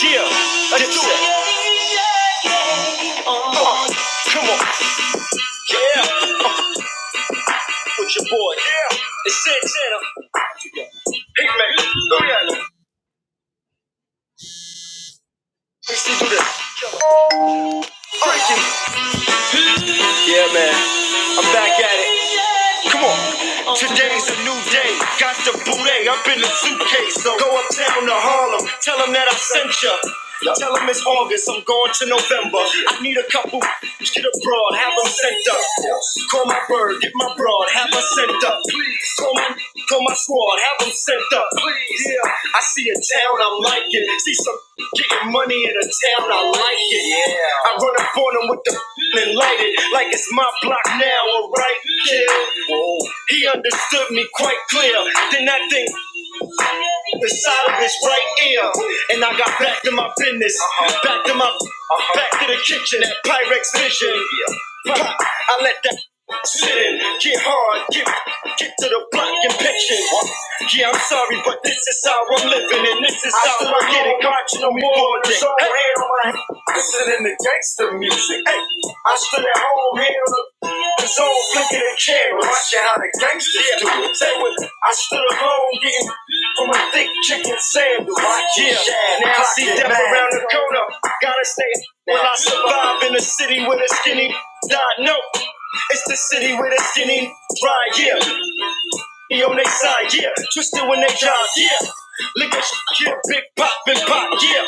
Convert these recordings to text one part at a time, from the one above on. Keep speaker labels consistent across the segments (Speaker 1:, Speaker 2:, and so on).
Speaker 1: Yeah, let's do it. Uh, come on. Yeah, fuck with your boy. Yeah, it's Santana. Hey man, go ahead. Let's do this. Breaking Yeah, man. I'm back at it. Come on. Today's a new day. Got the boulet up in the suitcase. So go uptown to Harlem. Tell them that I sent ya. Tell them it's August. I'm going to November. I need a couple. Get abroad. Have them sent up. Call my bird. Get my broad. Have her sent up. Please. Call my, call my squad. Have them sent up. Please. Yeah. I see a town I'm liking. See some getting money in a town I like it. Yeah. I run up on them with the and light it it like it's my block now, alright? Yeah. He understood me quite clear. Then that thing inside of his right ear. And I got back to my business. Back to my back to the kitchen at Pyrex Vision. I let that sit in, get hard, get get to the block and pitching. Yeah, I'm sorry, but this is how I'm living, and this is how I'm getting caught no more. Hey the music. Hey, I stood at home hearing on the zone flicking the camera, watching how the gangsters do it. Say what I stood alone getting from a thick chicken sandwich. Yeah, now I see death around the corner. Gotta stay. Will I survive in a city with a skinny? God, no. It's the city with a skinny. Right, yeah. He on their side, yeah. Twisted when they drive, yeah. Look at you, yeah. Big pop and pop, yeah.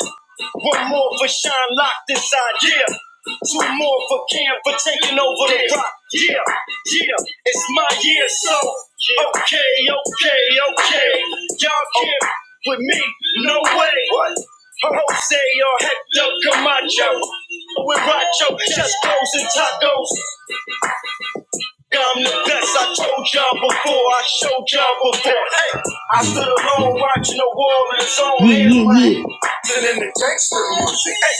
Speaker 1: One more for Shine locked inside, yeah. Two more for Cam for taking over the rock, yeah. Yeah, it's my year, so okay, okay, okay. Y'all can't with me, no way. Jose or Hector Camacho. With Racho, just goes and tacos. I'm the best. I told y'all before. I showed y'all before. Hey, I stood alone watching the world in its own yeah, hands. Yeah, yeah. Living in the gangster music. Hey,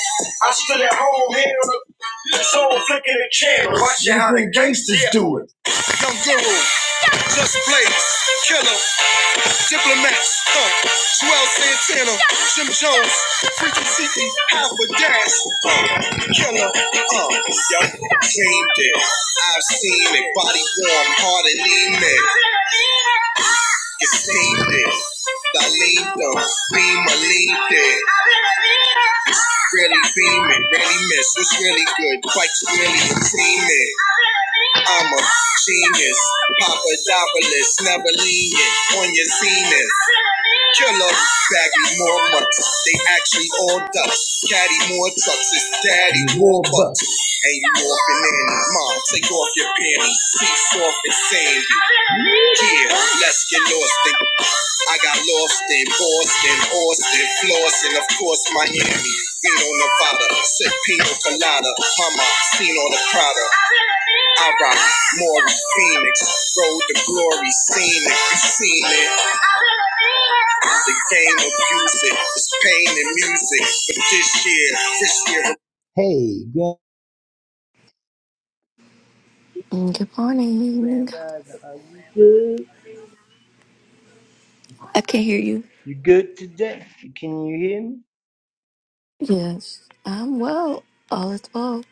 Speaker 1: I stood at home here. the all flicking the channel, Watching how the gangsters yeah, Young guru, just play, killer, diplomats, huh? Swell Santana, Jim Jones, Freaky Zeke, Alpha Dash, uh, killer, uh, yo, dreamed it. I've seen it, body warm, heart and lean it. You steamed it, I leaned on, beam, I leaned it. Really beaming, really miss, it's really good, quite really creaming. I'm a genius. Papadopoulos, never lenient on your zenith. Killer, baggy more mucks. They actually all ducks. Caddy more trucks. It's daddy Warbucks. Ain't you morphing in? Mom, take off your panties. Cease off and sandy. Yeah, let's get lost in. I got lost in Boston, Austin, Flossin, of course, Miami. Reno, Nevada, sip pina colada. Mama, seen all the Prada. I rock more than Phoenix. Road to glory, seen it, you seen it. The game of music, it's pain and music. But this year, this year
Speaker 2: Good morning. I can't hear you. Yes, I'm well. All is well.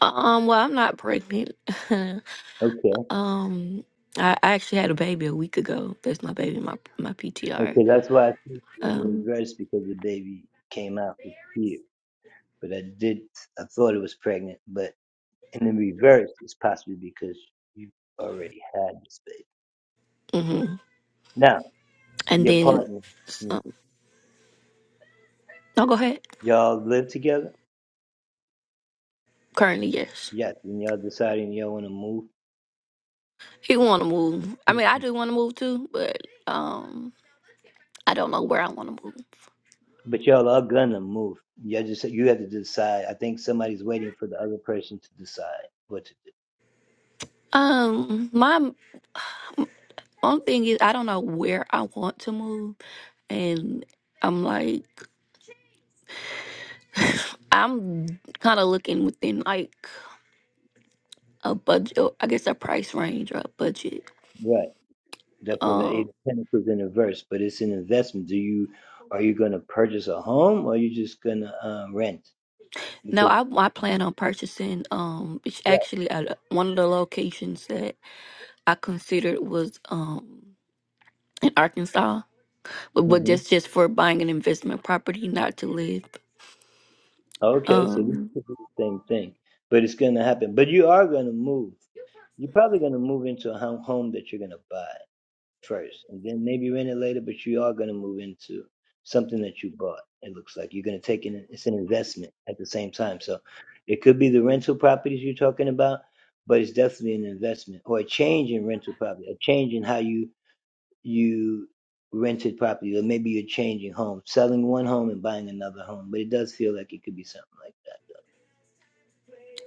Speaker 2: Um, well, I'm not pregnant. um, I, I actually had a baby a week ago. That's my baby, my my PTR. Um, mhm. and then um, no, go ahead. Currently, yes, he want to move. I mean, I do want to move too, but um, I don't know where I want to move. Um, my one thing is I don't know where I want to move, and I'm like. I'm kind of looking within like a budget, I guess a price range or a budget. Um, no, I I plan on purchasing. Um, it's actually at one of the locations that I considered was um in Arkansas, but, but that's just for buying an investment property, not to live. Um,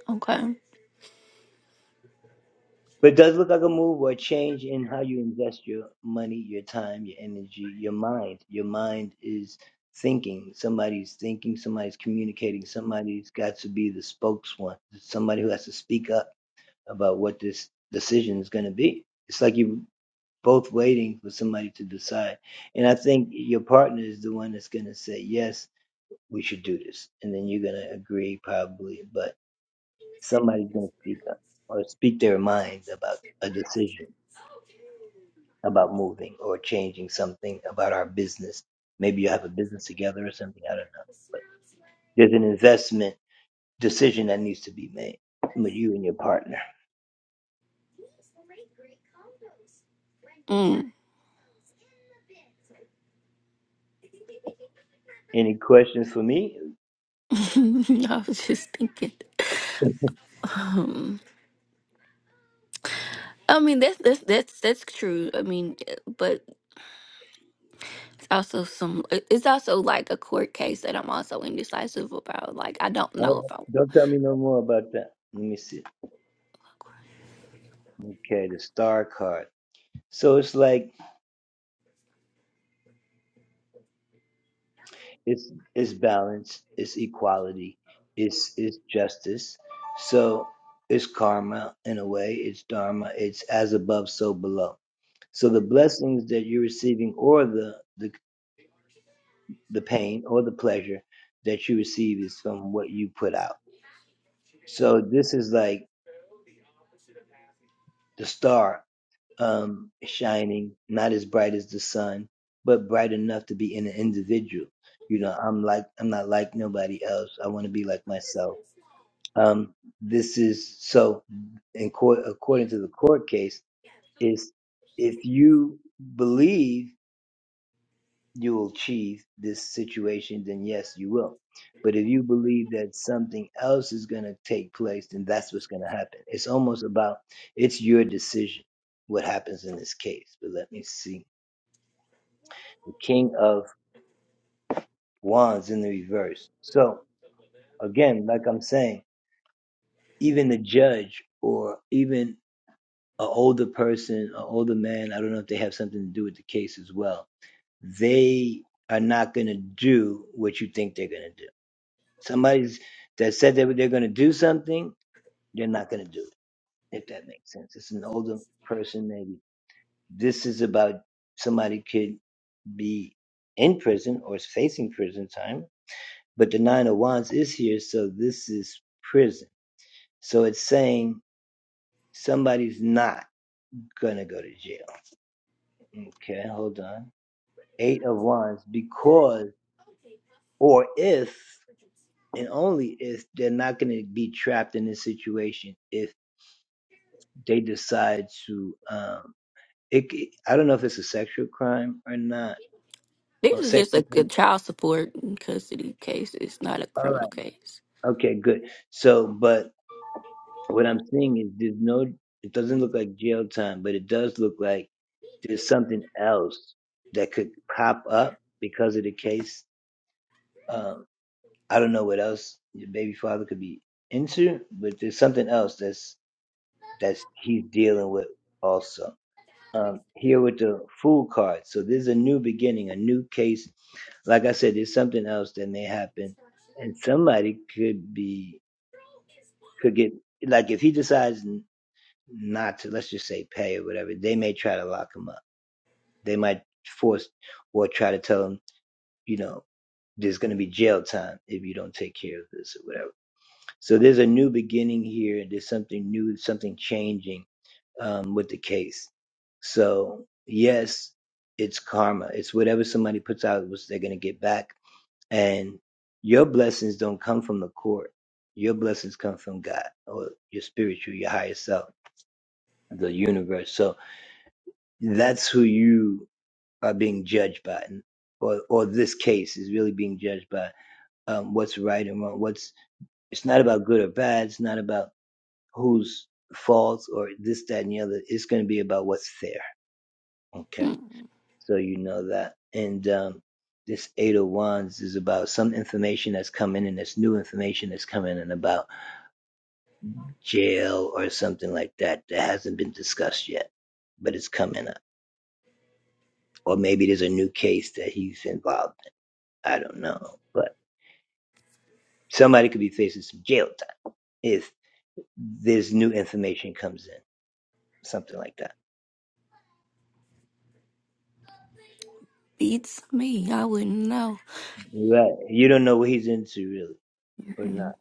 Speaker 2: okay. Mm. I was just thinking. Um, I mean that's that's that's that's true. I mean, but also some it- it's also like a court case that I'm also indecisive about. Like I don't know if I this is just a, a child support and custody case. It's not a criminal case. Mm. Beats me. I wouldn't know. Mm.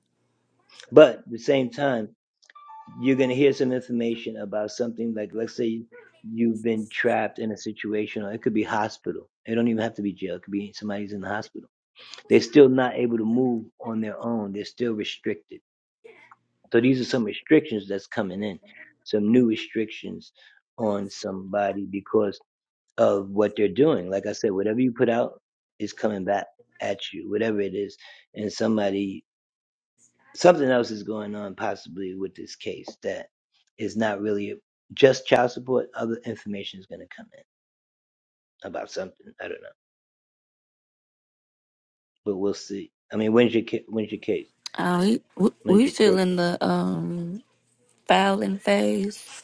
Speaker 2: Uh, we we we still in the um filing phase.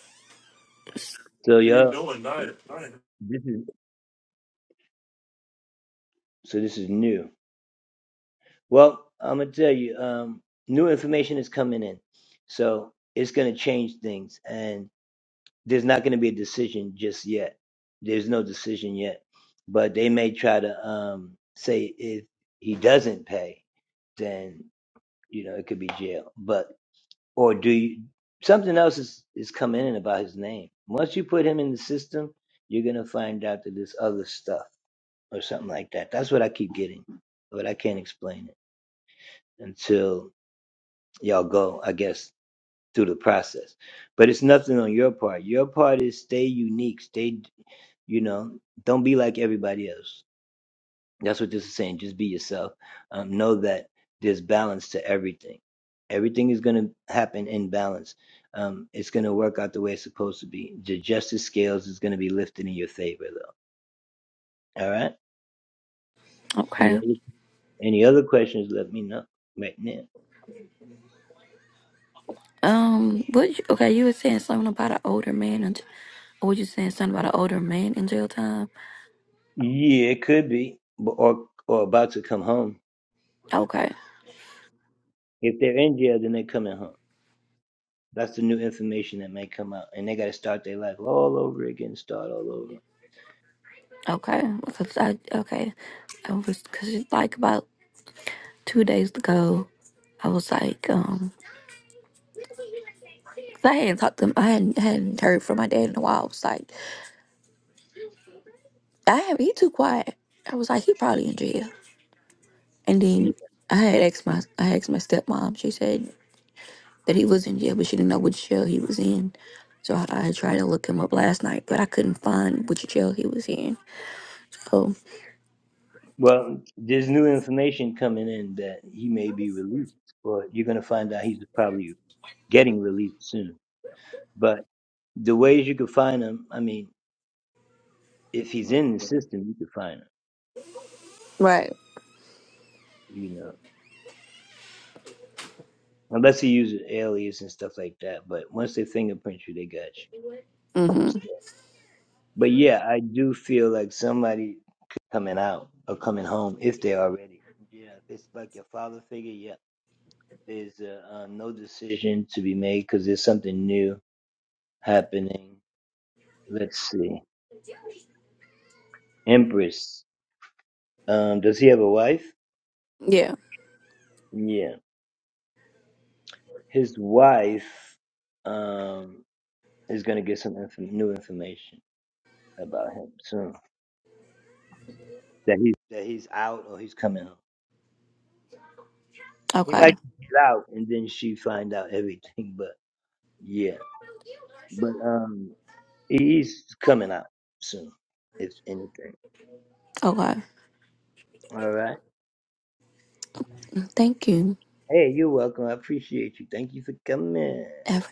Speaker 2: Okay. Um. What? You, okay. You were saying something about an older man, and or were you saying something about an older man in jail time? Okay. Okay, because I okay, I was because it's like about two days ago. I was like, um, 'cause I hadn't talked to him. I hadn't, hadn't heard from my dad in a while. I was like, I have he too quiet. I was like, he probably in jail. And then I had asked my I asked my stepmom. She said that he was in jail, but she didn't know which jail he was in. So I, I tried to look him up last night, but I couldn't find which jail he was in. So right. Mm-hmm. Yeah. Okay. Okay. Thank you. Have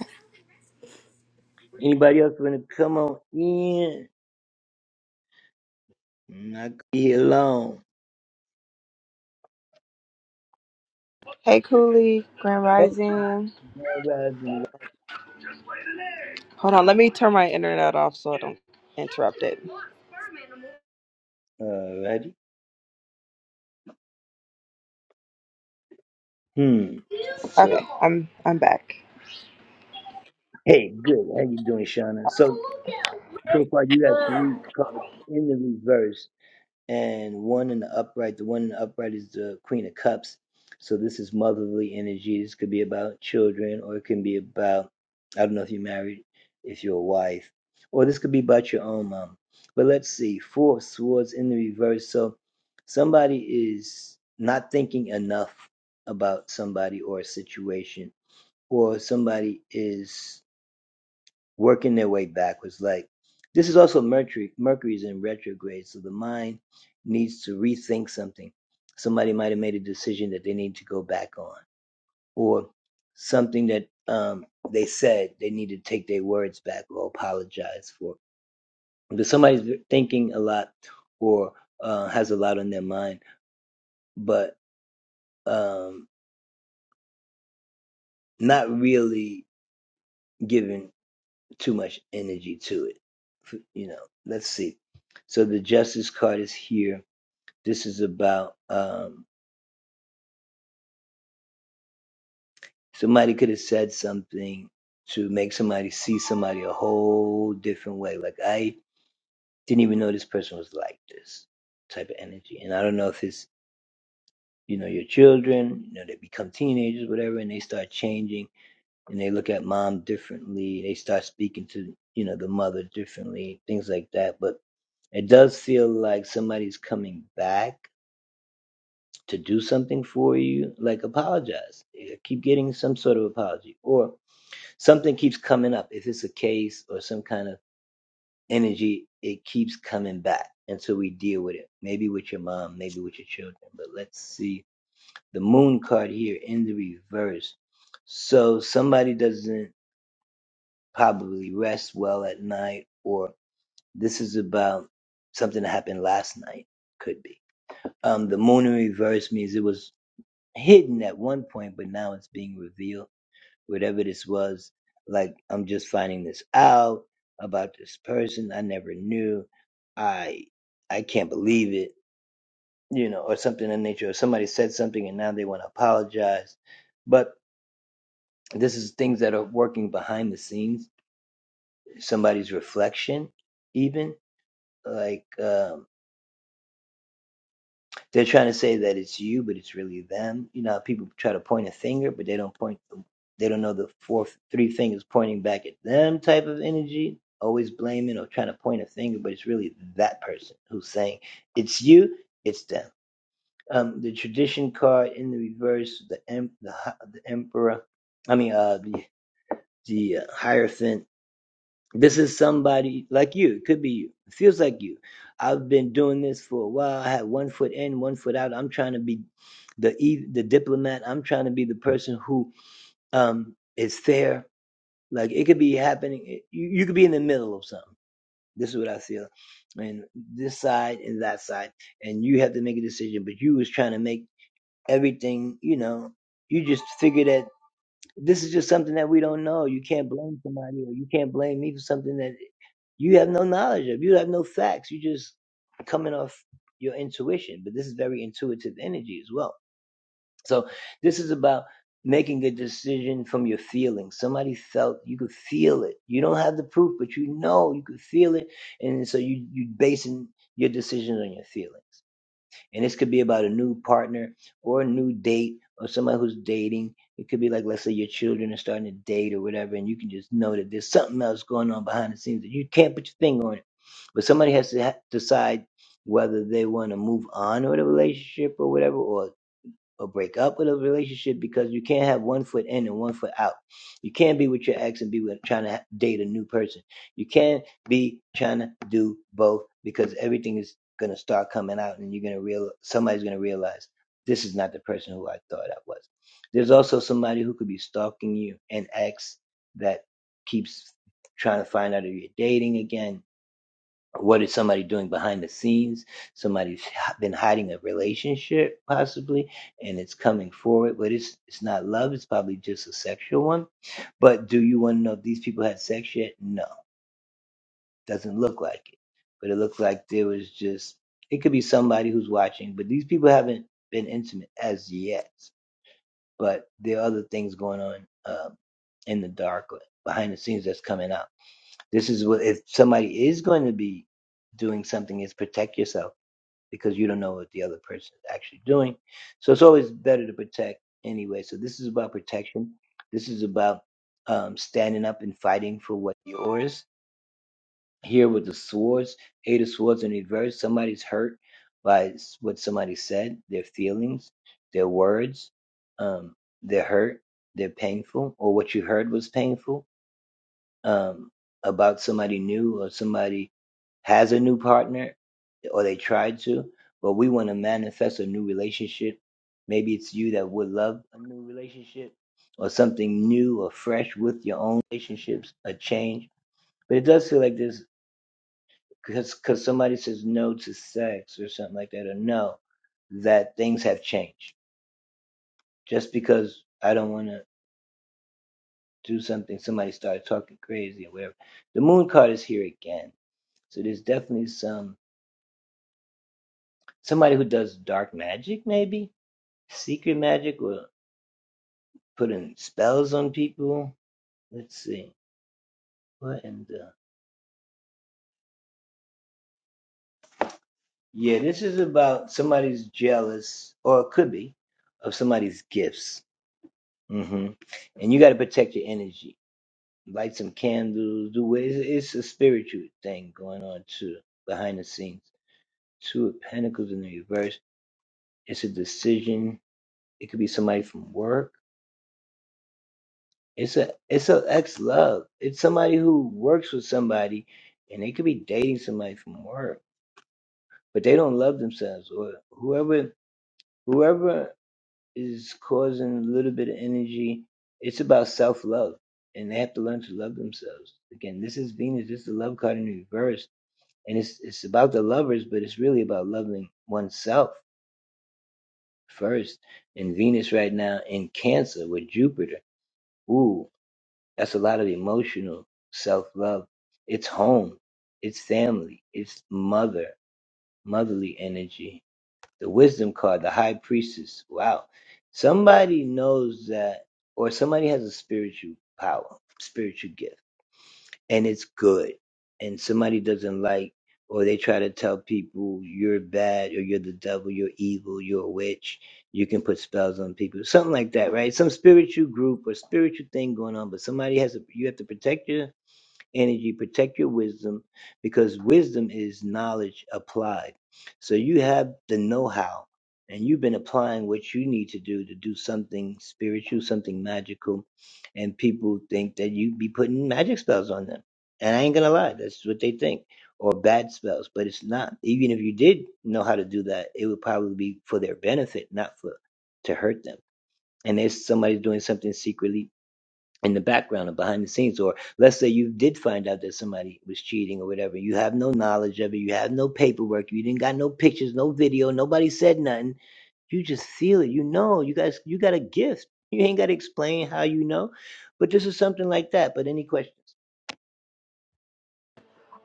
Speaker 3: Hey, Cooley, Grand Rising. Hold on, let me turn my internet off so I don't interrupt it. Okay, I'm I'm back.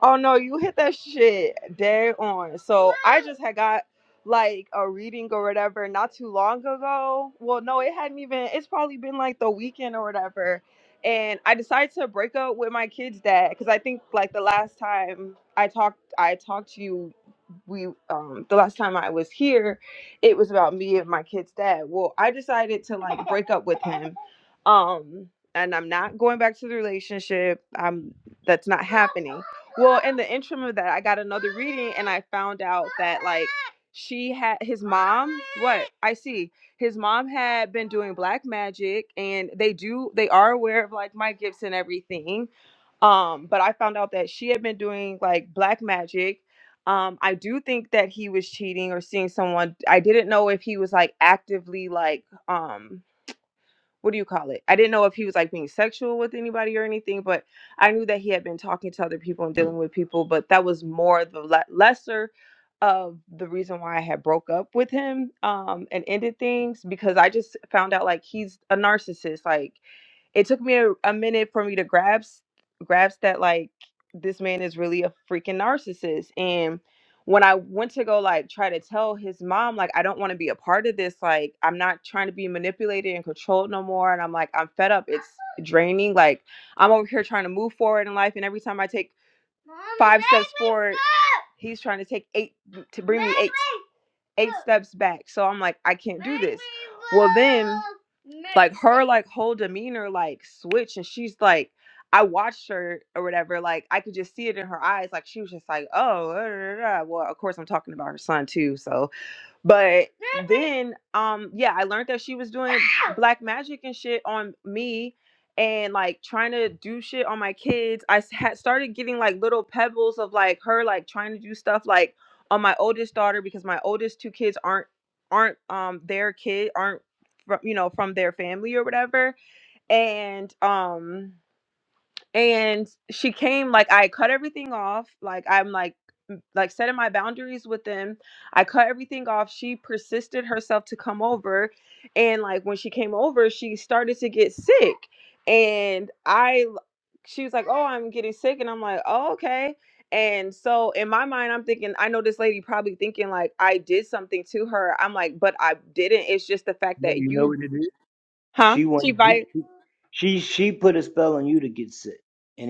Speaker 3: Oh no, you hit that shit dead on. So I just had got like a reading or whatever not too long ago. Well, no, it hadn't even. It's probably been like the weekend or whatever. And I decided to break up with my kid's dad because I think like the last time I talked, I talked to you. We um the last time I was here, it was about me and my kid's dad. Well, I decided to like break up with him. Um, and I'm not going back to the relationship. I'm that's not happening. Well, in the interim of that, I got another reading and I found out that like she had his mom. What I see, his mom had been doing black magic, and they do they are aware of like my gifts and everything. Um, but I found out that she had been doing like black magic. Um, I do think that he was cheating or seeing someone. I didn't know if he was like actively like um what do you call it? I didn't know if he was like being sexual with anybody or anything, but I knew that he had been talking to other people and dealing with people, but that was more the le- lesser of the reason why I had broke up with him um and ended things because I just found out like he's a narcissist. Like it took me a, a minute for me to grasp grasp that like this man is really a freaking narcissist and when i went to go like try to tell his mom like i don't want to be a part of this like i'm not trying to be manipulated and controlled no more and i'm like i'm fed up it's draining like i'm over here trying to move forward in life and every time i take Mom, five let steps me forward go. he's trying to take eight to bring me Let eight me eight steps back. So I'm like, I can't do this. Well, then, like her, like whole demeanor, like switch, and she's like, I watched her or whatever. Like I could just see it in her eyes. Like she was just like, oh, da, da, da, da." well, of course I'm talking about her son too. So but then, um, yeah, I learned that she was doing black magic and shit on me and like trying to do shit on my kids. I s- had started getting like little pebbles of like her like trying to do stuff like on my oldest daughter because my oldest two kids aren't aren't um their kid aren't from you know from their family or whatever and um and she came like I cut everything off like I'm like like setting my boundaries with them. I cut everything off. She persisted herself to come over and like when she came over, she started to get sick. And I she was like, "Oh, I'm getting sick." And I'm like, "Oh, okay." And so in my mind, I'm thinking, I know this lady probably thinking like I did something to her. I'm like, "But I didn't. It's just the fact that you huh? She bite.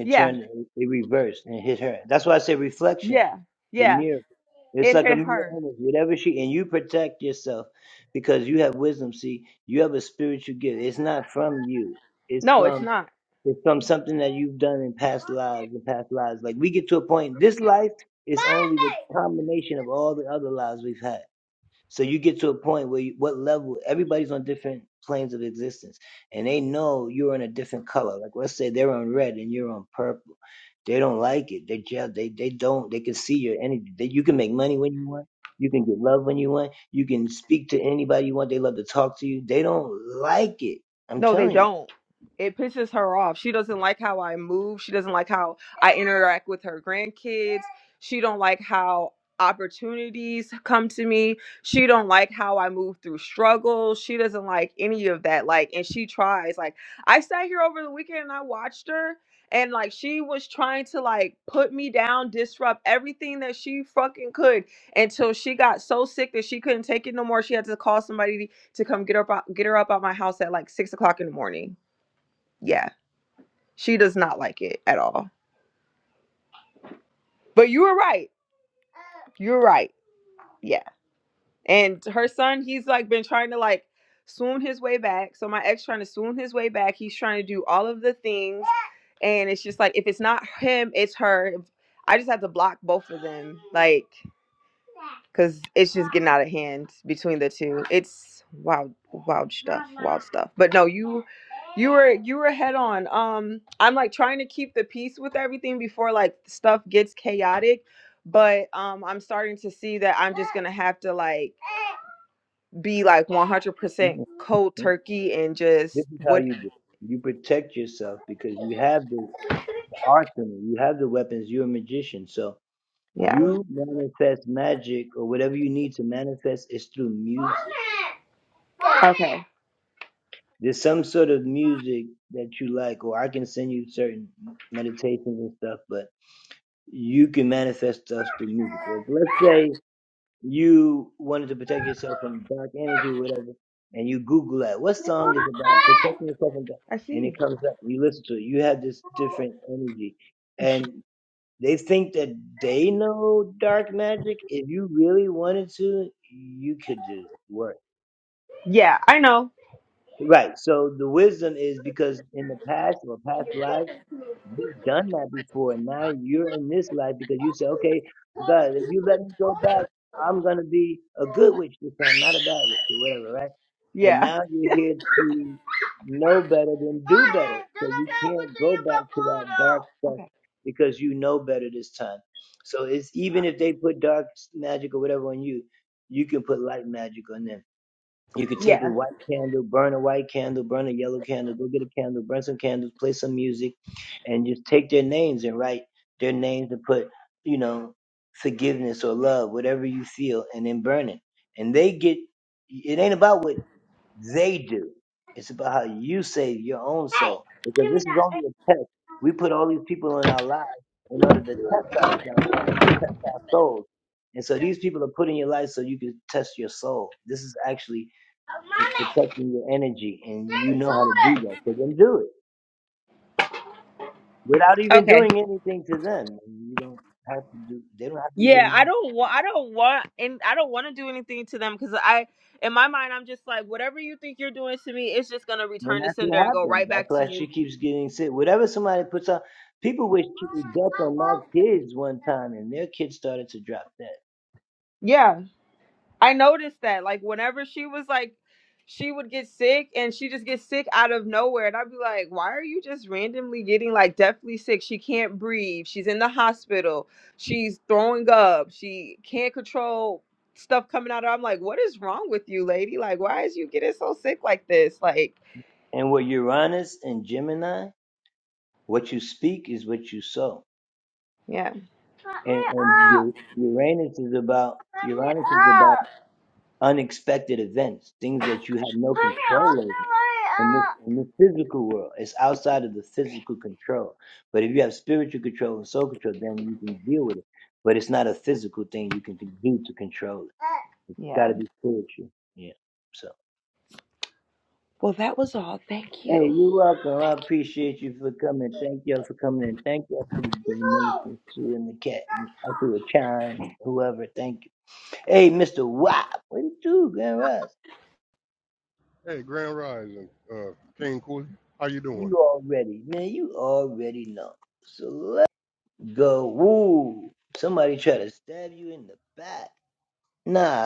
Speaker 3: Yeah. Yeah. Yeah. It hit her. No, it's not. No, they don't. It pisses her off. She doesn't like how I move. She doesn't like how I interact with her grandkids. She don't like how opportunities come to me. She don't like how I move through struggles. She doesn't like any of that. Like, and she tries. Like, I sat here over the weekend and I watched her and like she was trying to like put me down, disrupt everything that she fucking could until she got so sick that she couldn't take it no more. She had to call somebody to come get her up get her up out my house at like six o'clock in the morning. Yeah, she does not like it at all. But you were right. You're right. Yeah. And her son, he's like been trying to like swoon his way back. So my ex trying to swoon his way back. He's trying to do all of the things. And it's just like if it's not him, it's her. I just have to block both of them. Like because it's just getting out of hand between the two. It's wild, wild stuff, wild stuff. But no, you, you were you were head on. Um, I'm like trying to keep the peace with everything before like stuff gets chaotic. But um, I'm starting to see that I'm just gonna have to like be like 100% cold turkey and just what? Yeah. Okay. I see. Yeah, I know. Yeah. Okay. Yeah. Okay. Yeah, I don't want. I don't want, and I don't want to do anything to them because I, in my mind, I'm just like, whatever you think you're doing to me, it's just gonna return to sender and go right back to you. Yeah. I noticed that. Like whenever she was like she would get sick and she just gets sick out of nowhere. And I'd be like, why are you just randomly getting like deathly sick? She can't breathe. She's in the hospital. She's throwing up. She can't control stuff coming out of her. I'm like, what is wrong with you, lady? Like, why is you getting so sick like this? Like, yeah. Put me up. Put me up. Put me off the way up. Yeah. Well, that was all. Thank you. No.
Speaker 4: Hey, Grand Rising, uh, King Cooley, how you doing?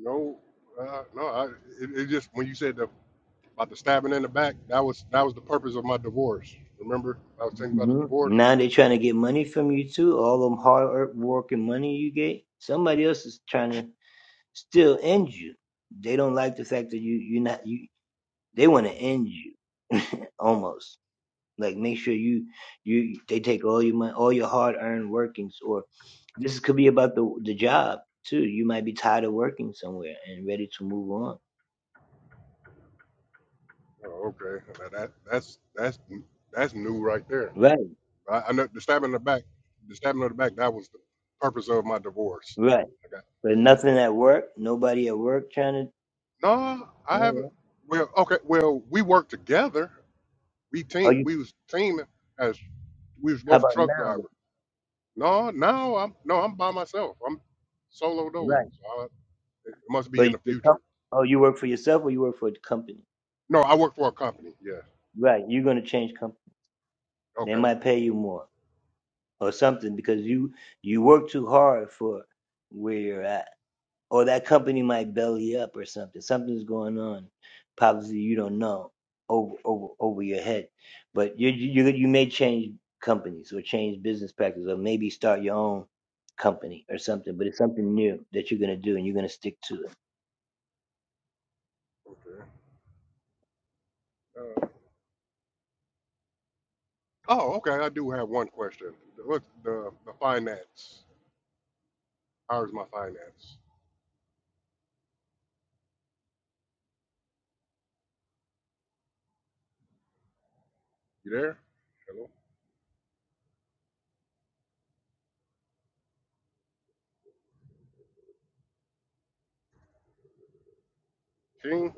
Speaker 4: no, uh, no, I, it, it just when you said the, about the stabbing in the back, that was that was the purpose of my divorce. Remember, I was thinking about the divorce. Oh, okay, that, that that's that's that's new right there. I, I know the stabbing in the back, the stabbing in the back, that was the purpose of my divorce. I got no, I haven't. Well, okay, well we worked together. We team, we was teaming as we was both truck drivers. No, no, I'm no, I'm by myself. I'm solo dolo. So I, it must be in the future. No, I work for a company. Yeah. Okay. Okay. Uh, oh, okay. I do have one question. The- What's the the finance? How's my finance? You there? Hello, King.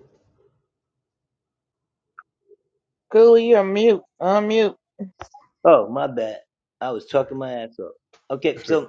Speaker 5: Cooley, unmute, unmute.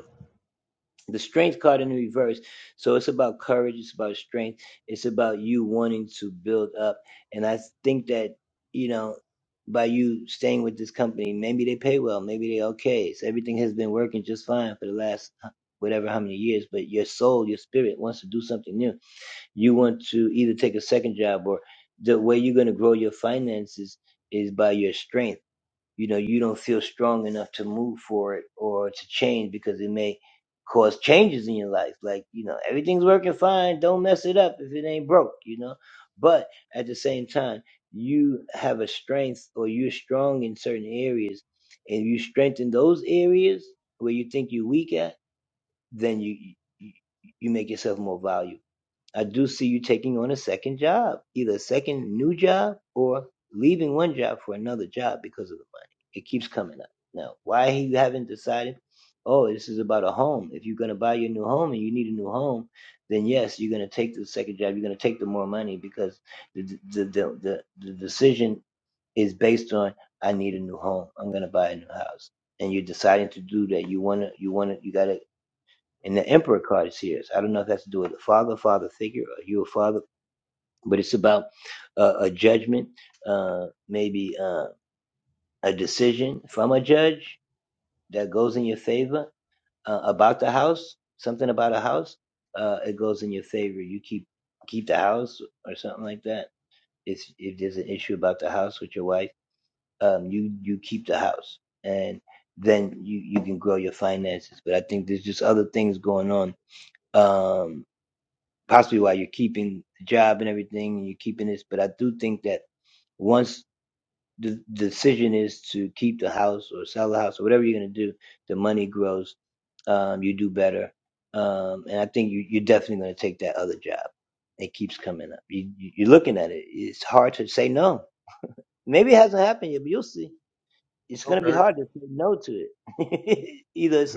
Speaker 4: okay.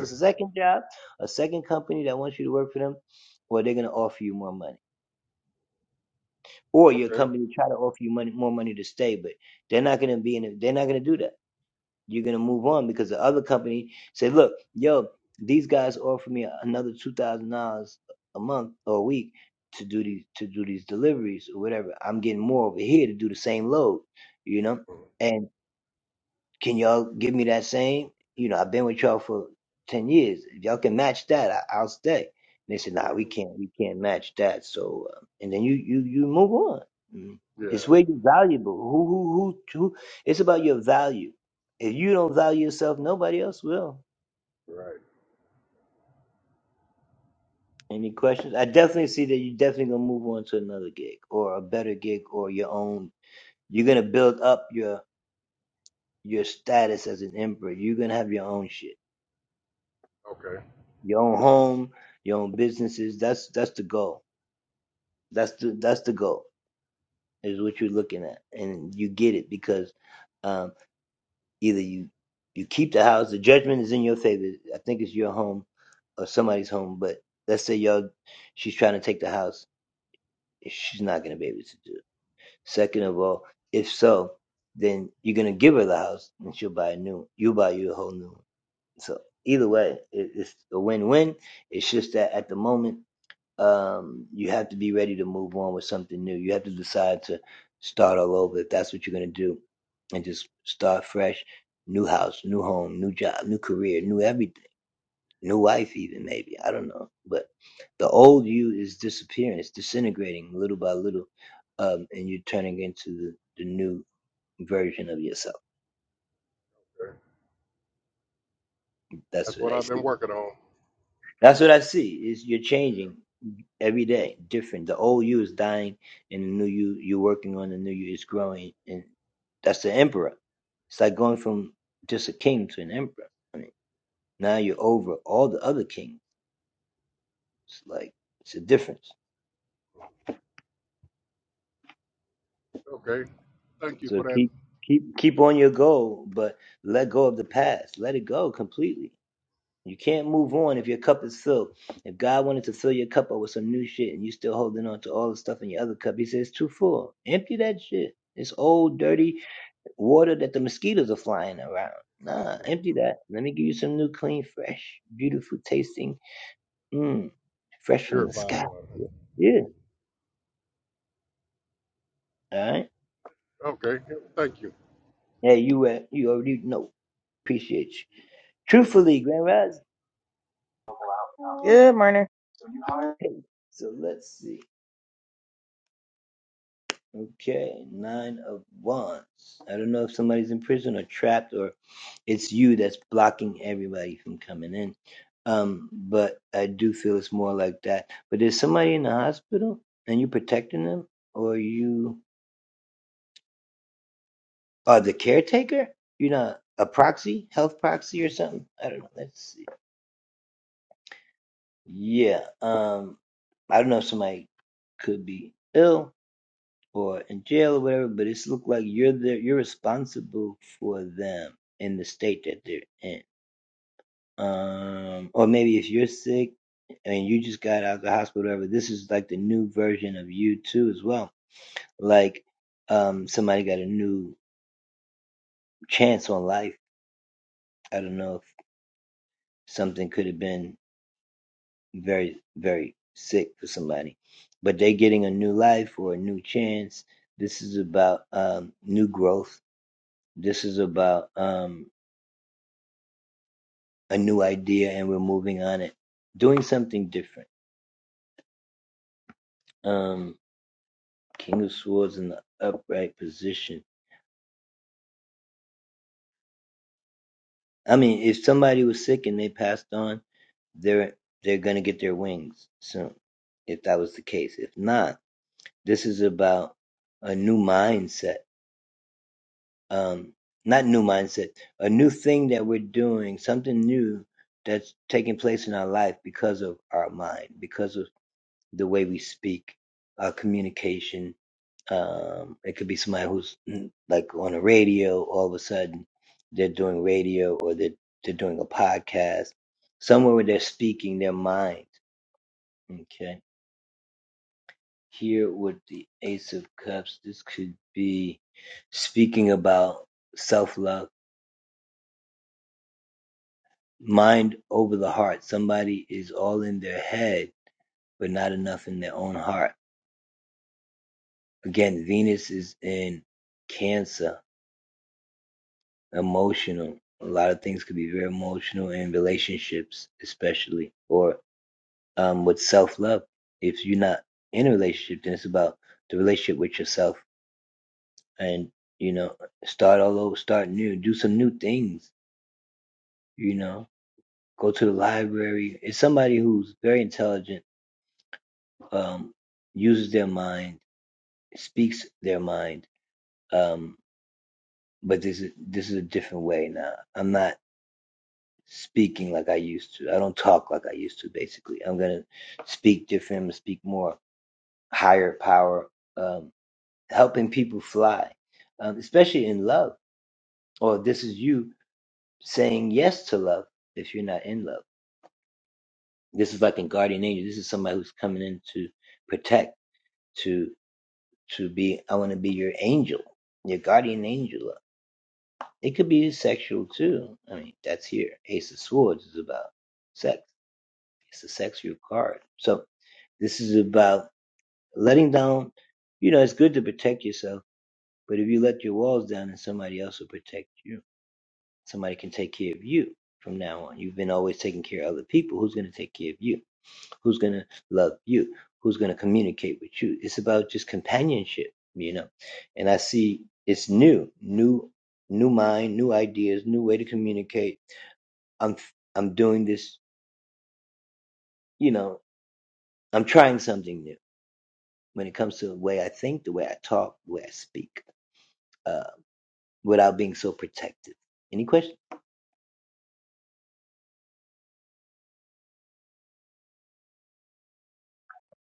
Speaker 4: okay. Mm, mm. Yeah. Right. Okay. okay. That's what I've been working on. Okay. Thank you for that purified water. Okay. Thank you. Yeah.
Speaker 5: Good morning.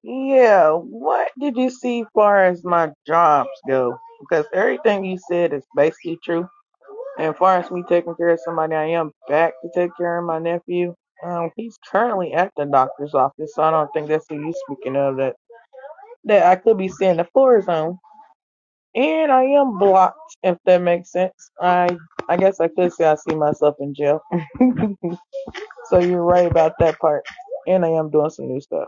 Speaker 5: Yeah, what did you see far as my jobs go? Because everything you said is basically true. And far as me taking care of somebody, I am back to take care of my nephew. Um, he's currently at the doctor's office, so I don't think that's who you speaking of that that I could be seeing the floor zone. And I am blocked, if that makes sense. I I guess I could say I see myself in jail. so you're right about that part. And I am doing some new stuff.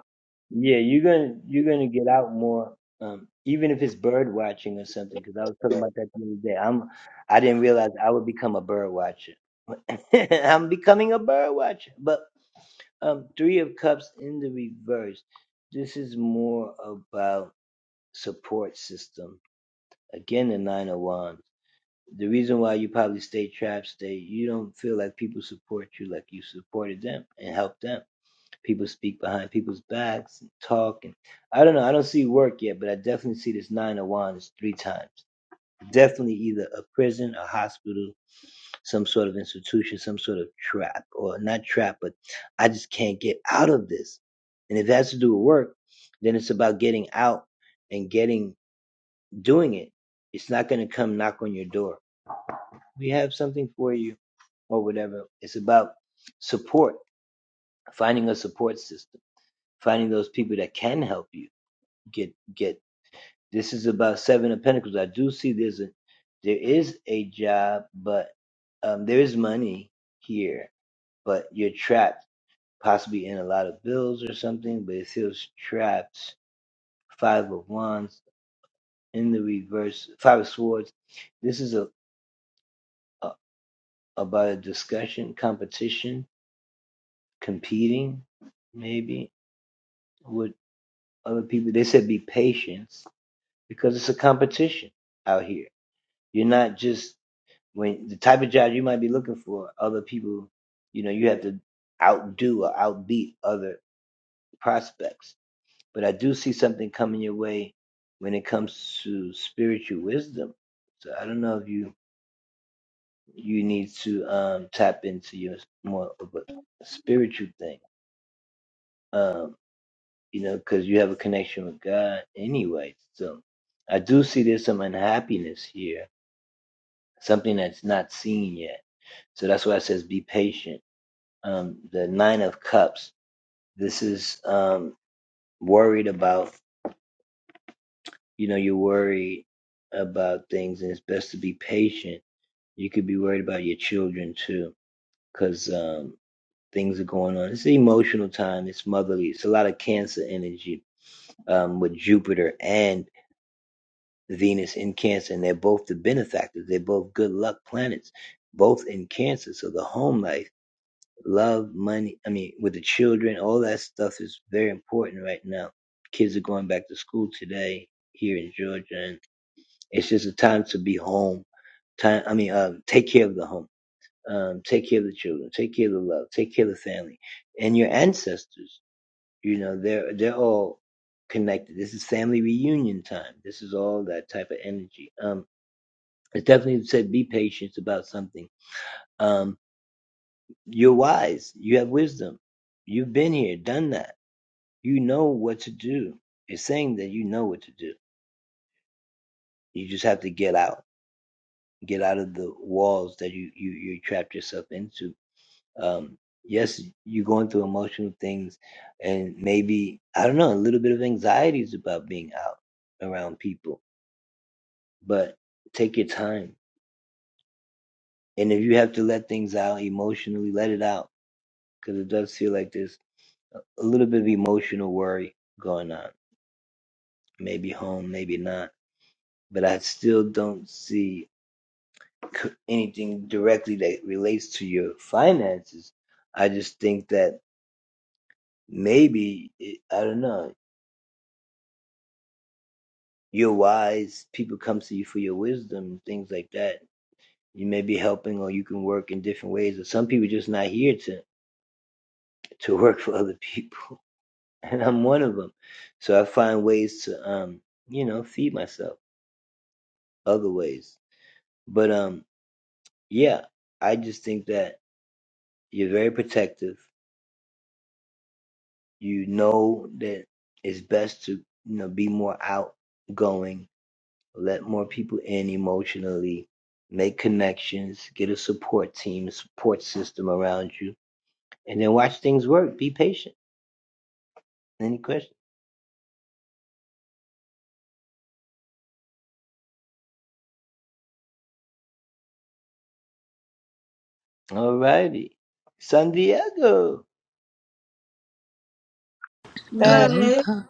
Speaker 5: That Right.
Speaker 6: Aloha,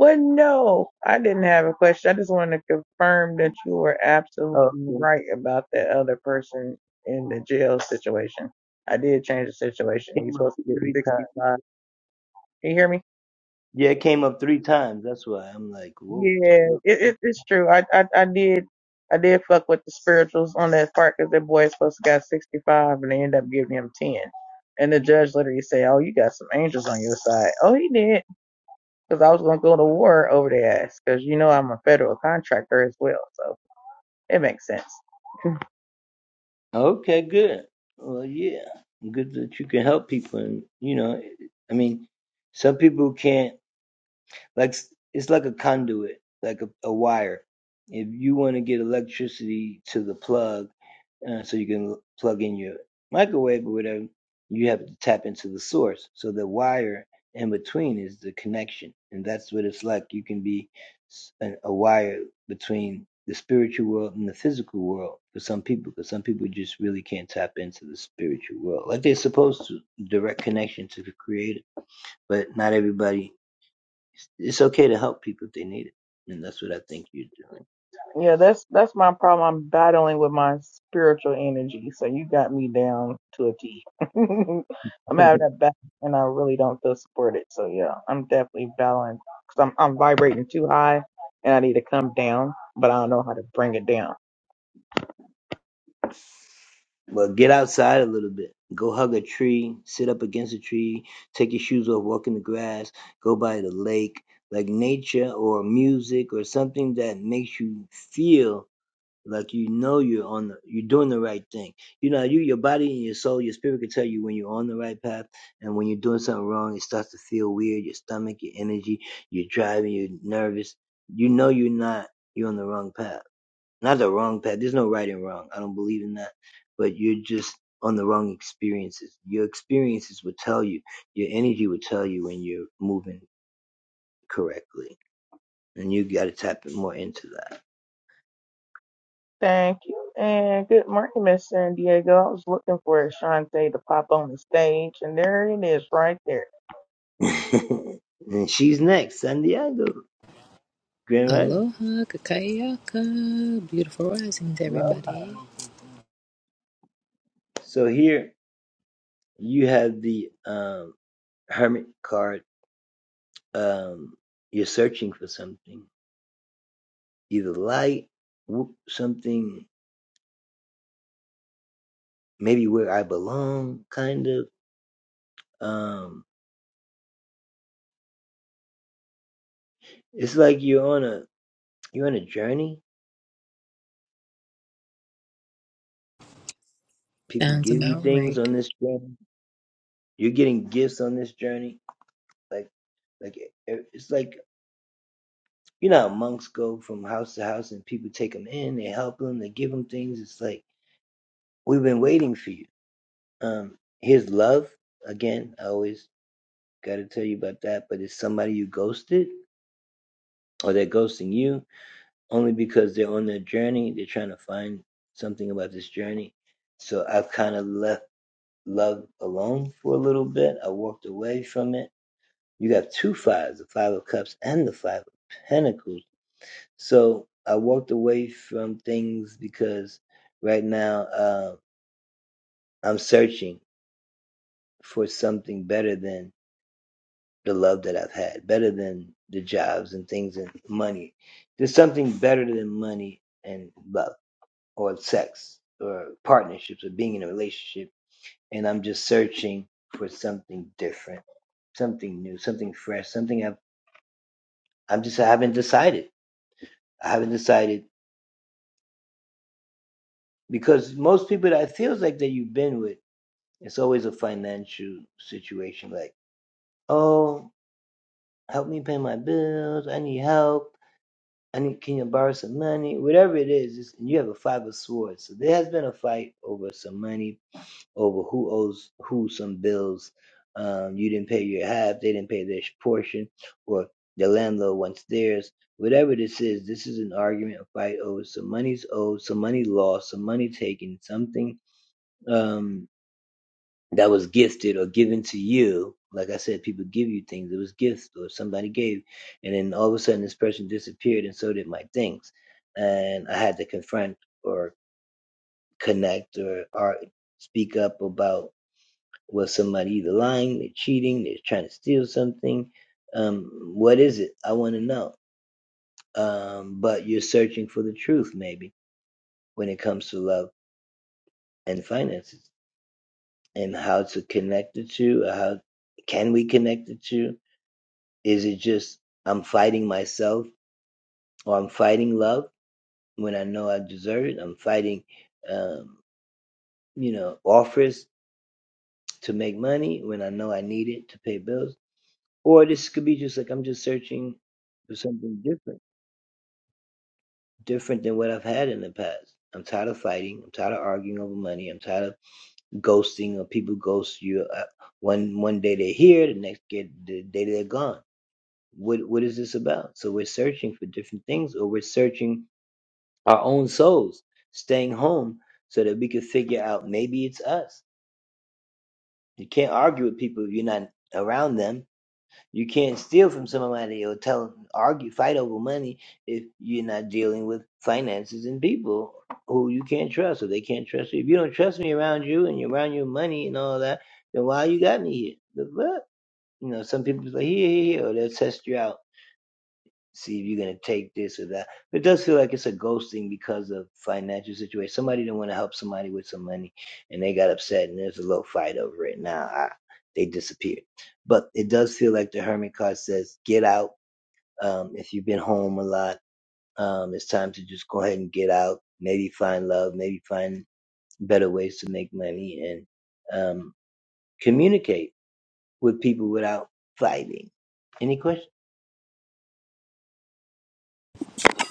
Speaker 5: well, no, I didn't have a question. I just wanted to confirm that you were absolutely right about that other person in the jail situation. I did change the situation. He's supposed to get 65. Can you hear me? Yeah, it, it, it's true. I, I I did I did fuck with the spirituals on that part because that boy is supposed to got 65 and they end up giving him 10. And the judge literally said, "Oh, you got some angels on your side." Oh, he did. because I was going to go to war over their ass because you know I'm a federal contractor as well, so it makes sense. Yeah, that's that's my problem. I'm battling with my spiritual energy, so you got me down to a T. I'm having that battle, and I really don't feel supported. So yeah, I'm definitely battling because I'm I'm vibrating too high, and I need to come down, but I don't know how to bring it down. Thank you. And good morning, Miss San Diego. I was looking for Ashante to pop on the stage, and there it is right there.
Speaker 6: aloha, kakayaka. Beautiful risings, everybody. Sounds about right.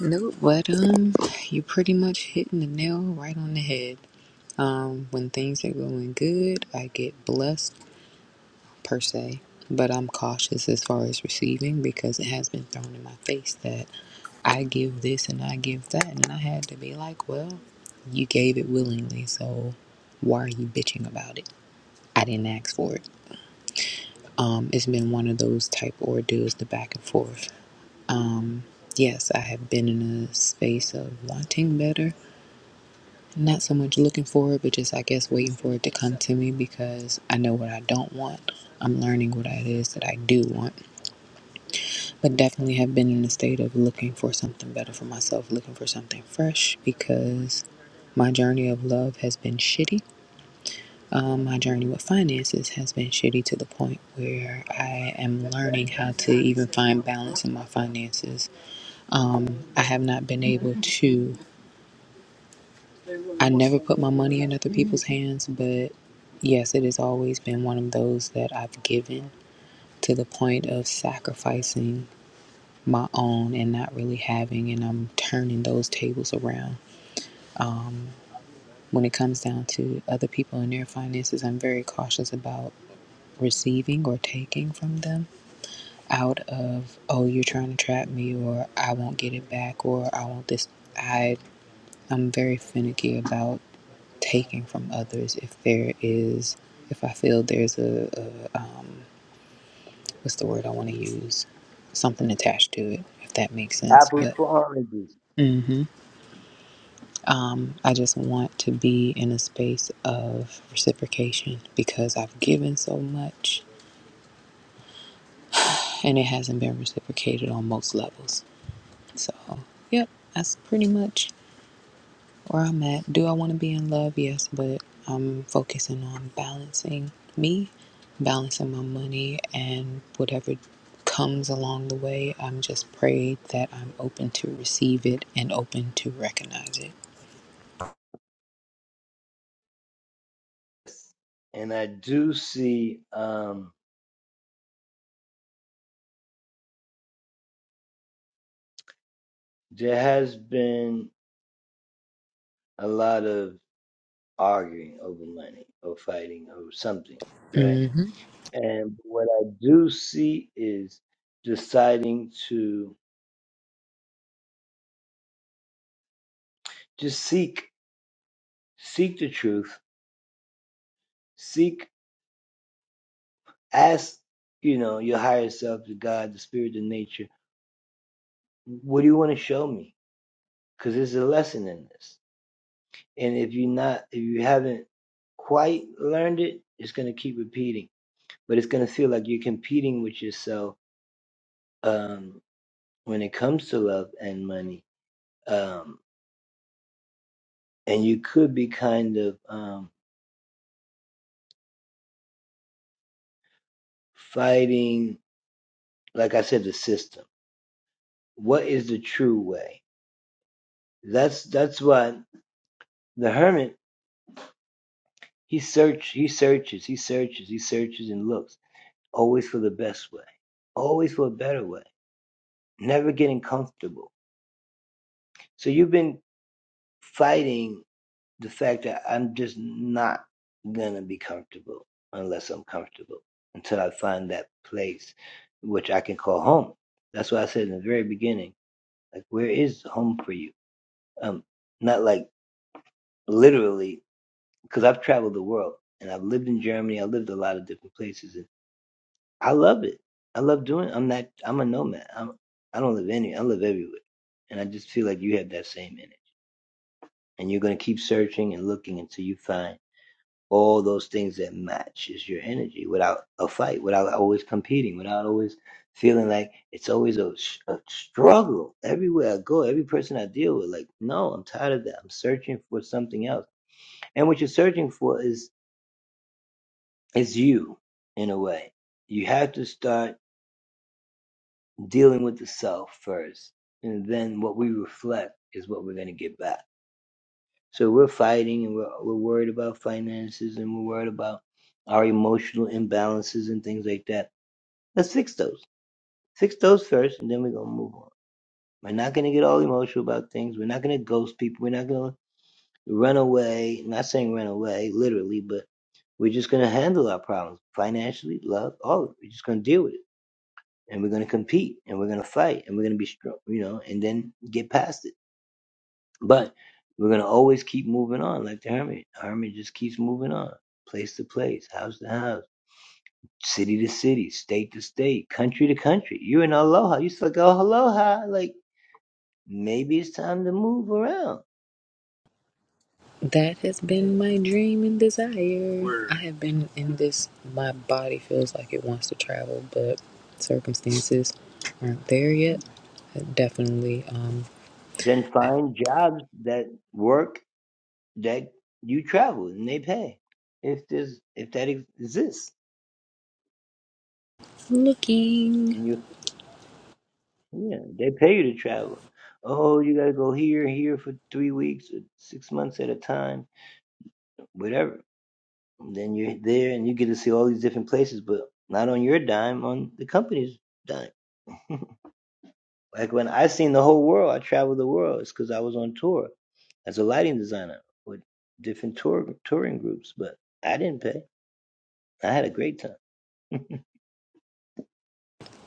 Speaker 6: Nope, but um, you pretty much hitting the nail right on the head. Um, when things are going good, I get blessed per se, but I'm cautious as far as receiving because it has been thrown in my face that I give this and I give that, and I had to be like, well, you gave it willingly, so why are you bitching about it? I didn't ask for it. Um, it's been one of those type ordeals, the back and forth. Um, yes, I have been in a space of wanting better, not so much looking for it, but just I guess waiting for it to come to me because I know what I don't want. I'm learning what it is that I do want, but definitely have been in a state of looking for something better for myself, looking for something fresh because my journey of love has been shitty Um, my journey with finances has been shitty to the point where I am learning how to even find balance in my finances. Um, I have not been able to, I never put my money in other people's hands, but yes, it has always been one of those that I've given to the point of sacrificing my own and not really having, and I'm turning those tables around. When it comes down to other people and their finances, I'm very cautious about receiving or taking from them out of oh you're trying to trap me or I won't get it back or I want this I I'm very finicky about taking from others if there is if I feel there's a, a um, what's the word I want to use something attached to it if that makes sense but um, I just want to be in a space of reciprocation because I've given so much and it hasn't been reciprocated on most levels so yep that's pretty much where I'm at. Do I want to be in love? Yes, but I'm focusing on balancing me, balancing my money, and whatever comes along the way. I'm just prayed that I'm open to receive it and open to recognize it. hmm That has been my dream and desire. Word. I have been in this, my body feels like it wants to travel, but circumstances aren't there yet. Definitely um, looking.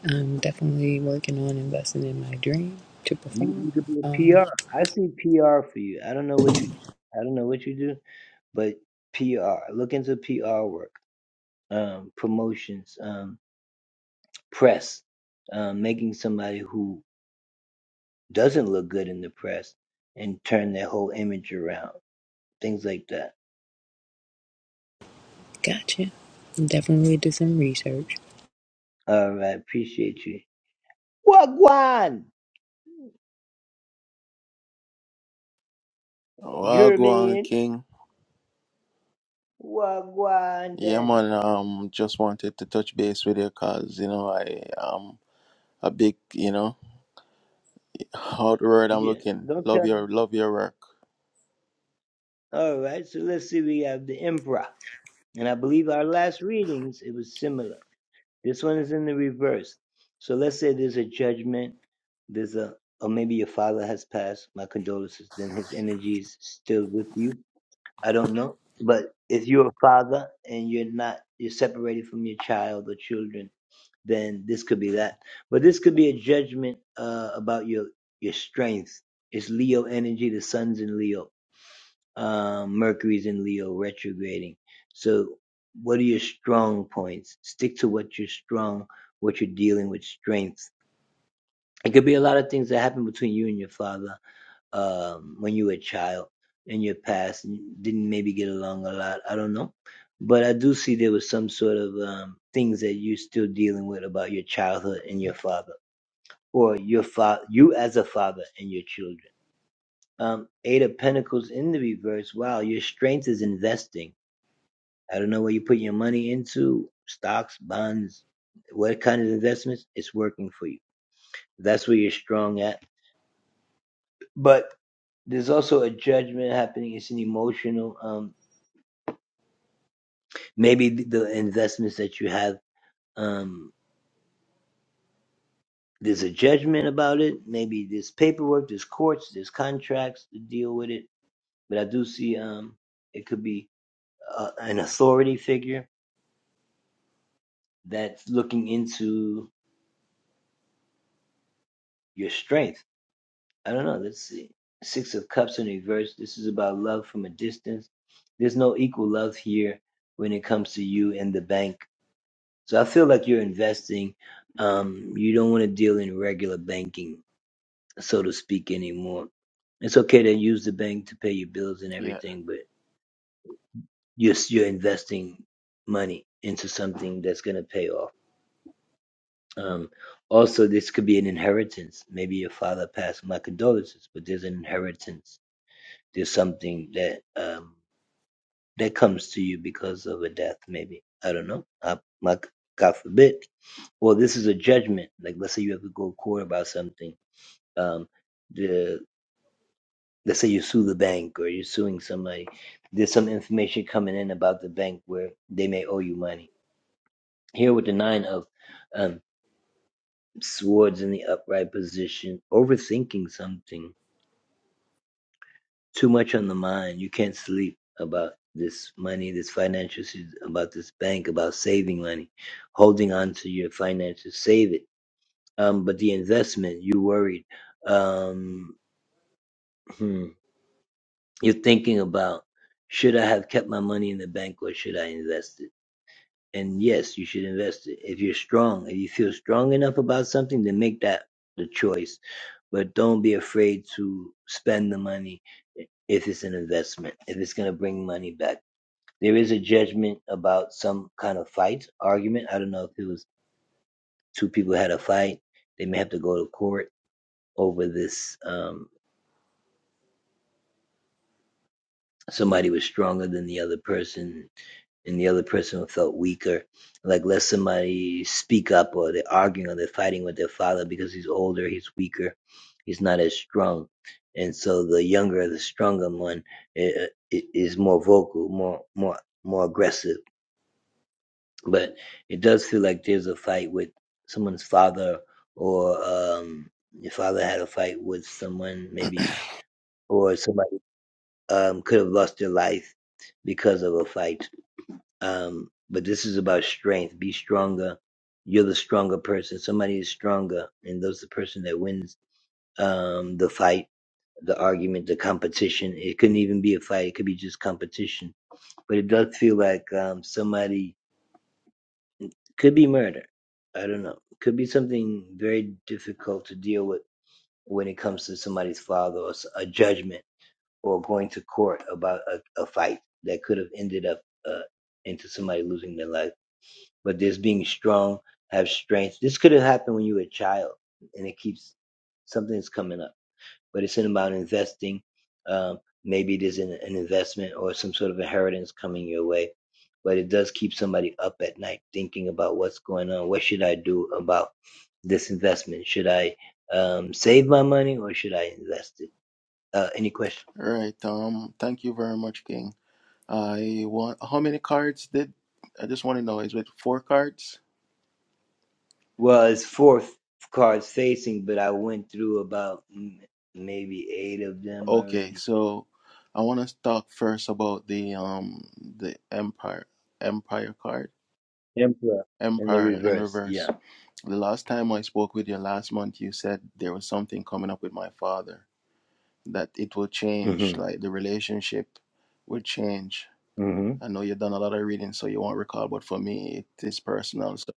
Speaker 6: I'm definitely working on investing in my dream to perform. Um, gotcha. Definitely do some research.
Speaker 7: Well, go on, King. Yeah, man. Um, just wanted to touch base with you, cause you know I am a big, you know, how the word I'm looking. Love your, love your work. Yeah. Right. Um. Thank you very much, King. I want. How many cards did? I just want to know. Is it four cards? Okay. So, I want to talk first about the um the empire empire card empire in reverse. The last time I spoke with you last month, you said there was something coming up with my father, that it will change, like the relationship will change. I know you've done a lot of reading, so you won't recall, but for me, it is personal. So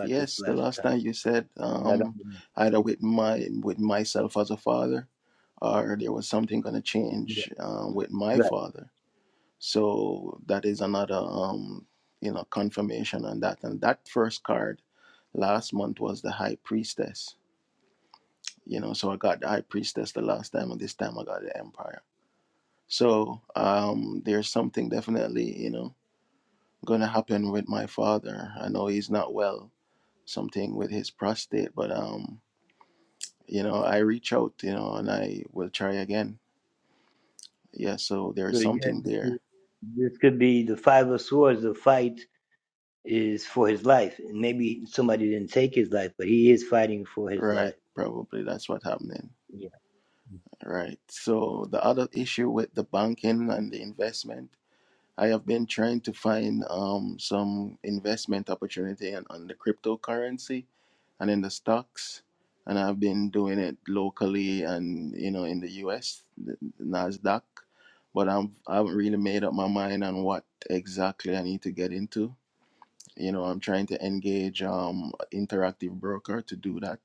Speaker 7: yes, the last time you said um, either with my with myself as a father, or there was something going to change um, with my father. So that is another um, you know confirmation on that. And that first card last month was the High Priestess you know so i got the high priestess the last time and this time i got the empire so um there's something definitely you know gonna happen with my father i know he's not well something with his prostate but um you know i reach out you know and i will try again yeah so there's something there right probably that's what's happening right so the other issue with the banking and the investment I have been trying to find um, some investment opportunity on on the cryptocurrency and in the stocks. And I've been doing it locally and you know in the US, the the Nasdaq. But I'm I haven't really made up my mind on what exactly I need to get into. You know, I'm trying to engage um interactive broker to do that.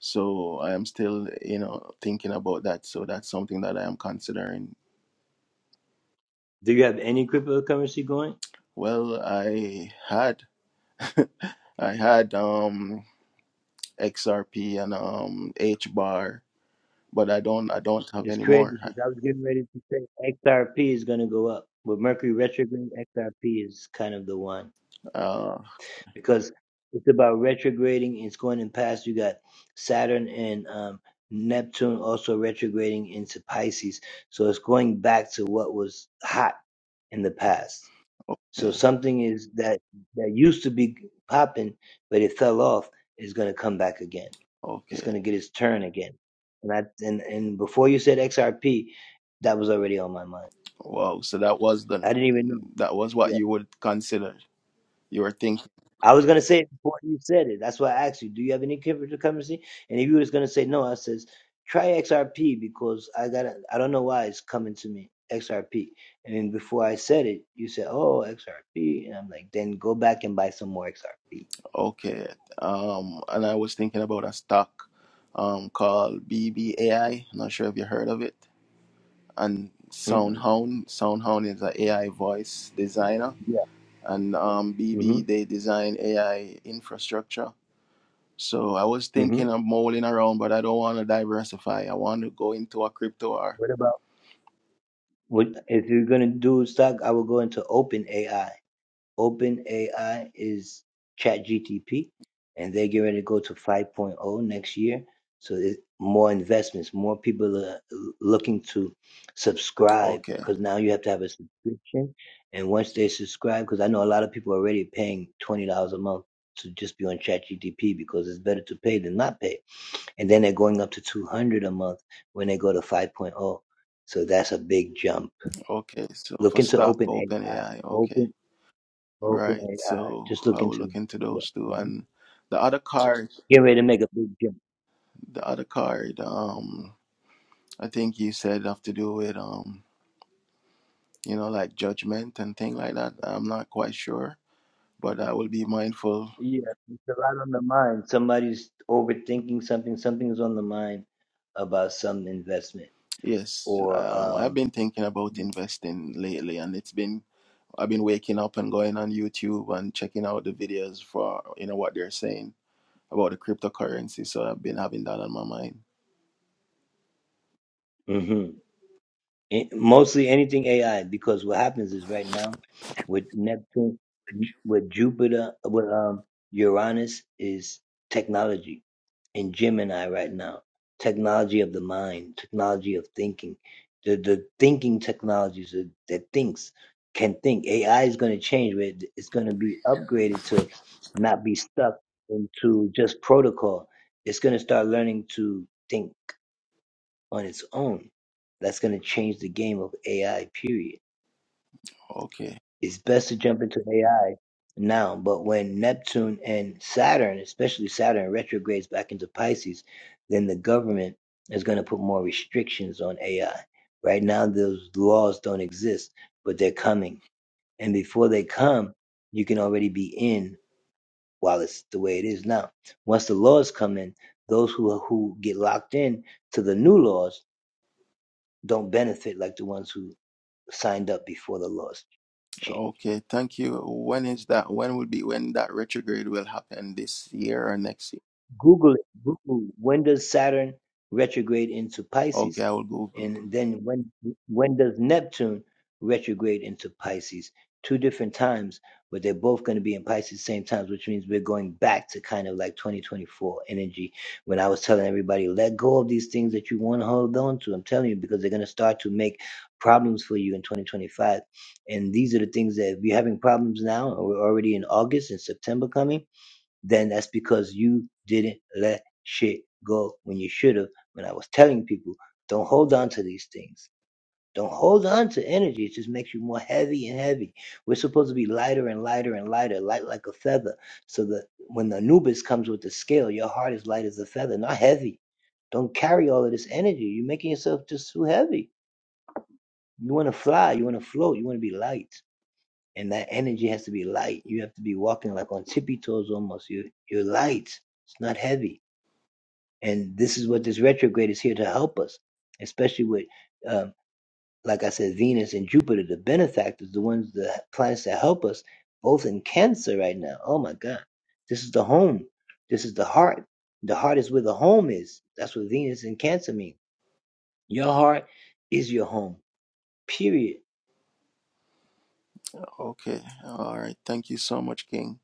Speaker 7: So I am still, you know, thinking about that. So that's something that I am considering. Well, I had I had um XRP and um H bar, but I don't I don't have any more. Uh okay. Okay. Wow. So that was the that was what you would consider. You were thinking okay. Um and I was thinking about a stock um called BBAI. Not sure if you heard of it. And SoundHound. SoundHound is an a AI voice designer. And um BB they design AI infrastructure So I was thinking of mulling around, but I don't want to diversify. I want to go into a crypto R. Okay, okay. So for stock, OpenAI. Okay, all right. So I will look into those two. And the other card, the other card. Um, I think you said have to do with um, you know, like judgment and thing like that. I'm not quite sure, but I will be mindful. Yes, um, I've been thinking about investing lately, and it's been I've been waking up and going on YouTube and checking out the videos for you know what they're saying about the cryptocurrency. So I've been having that on my mind. Okay, okay, thank you. When is that? When will be when that retrograde will happen this year or next year? Okay, I will Google. Okay, all right. Thank you so much, King.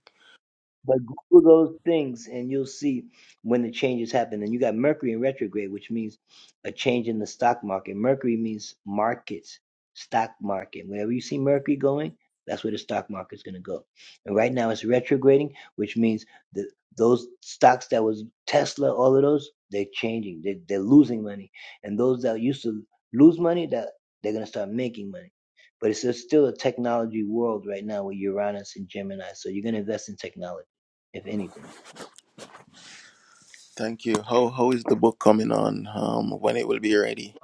Speaker 7: Thank you. How how is the book coming on? Um, when it will be ready?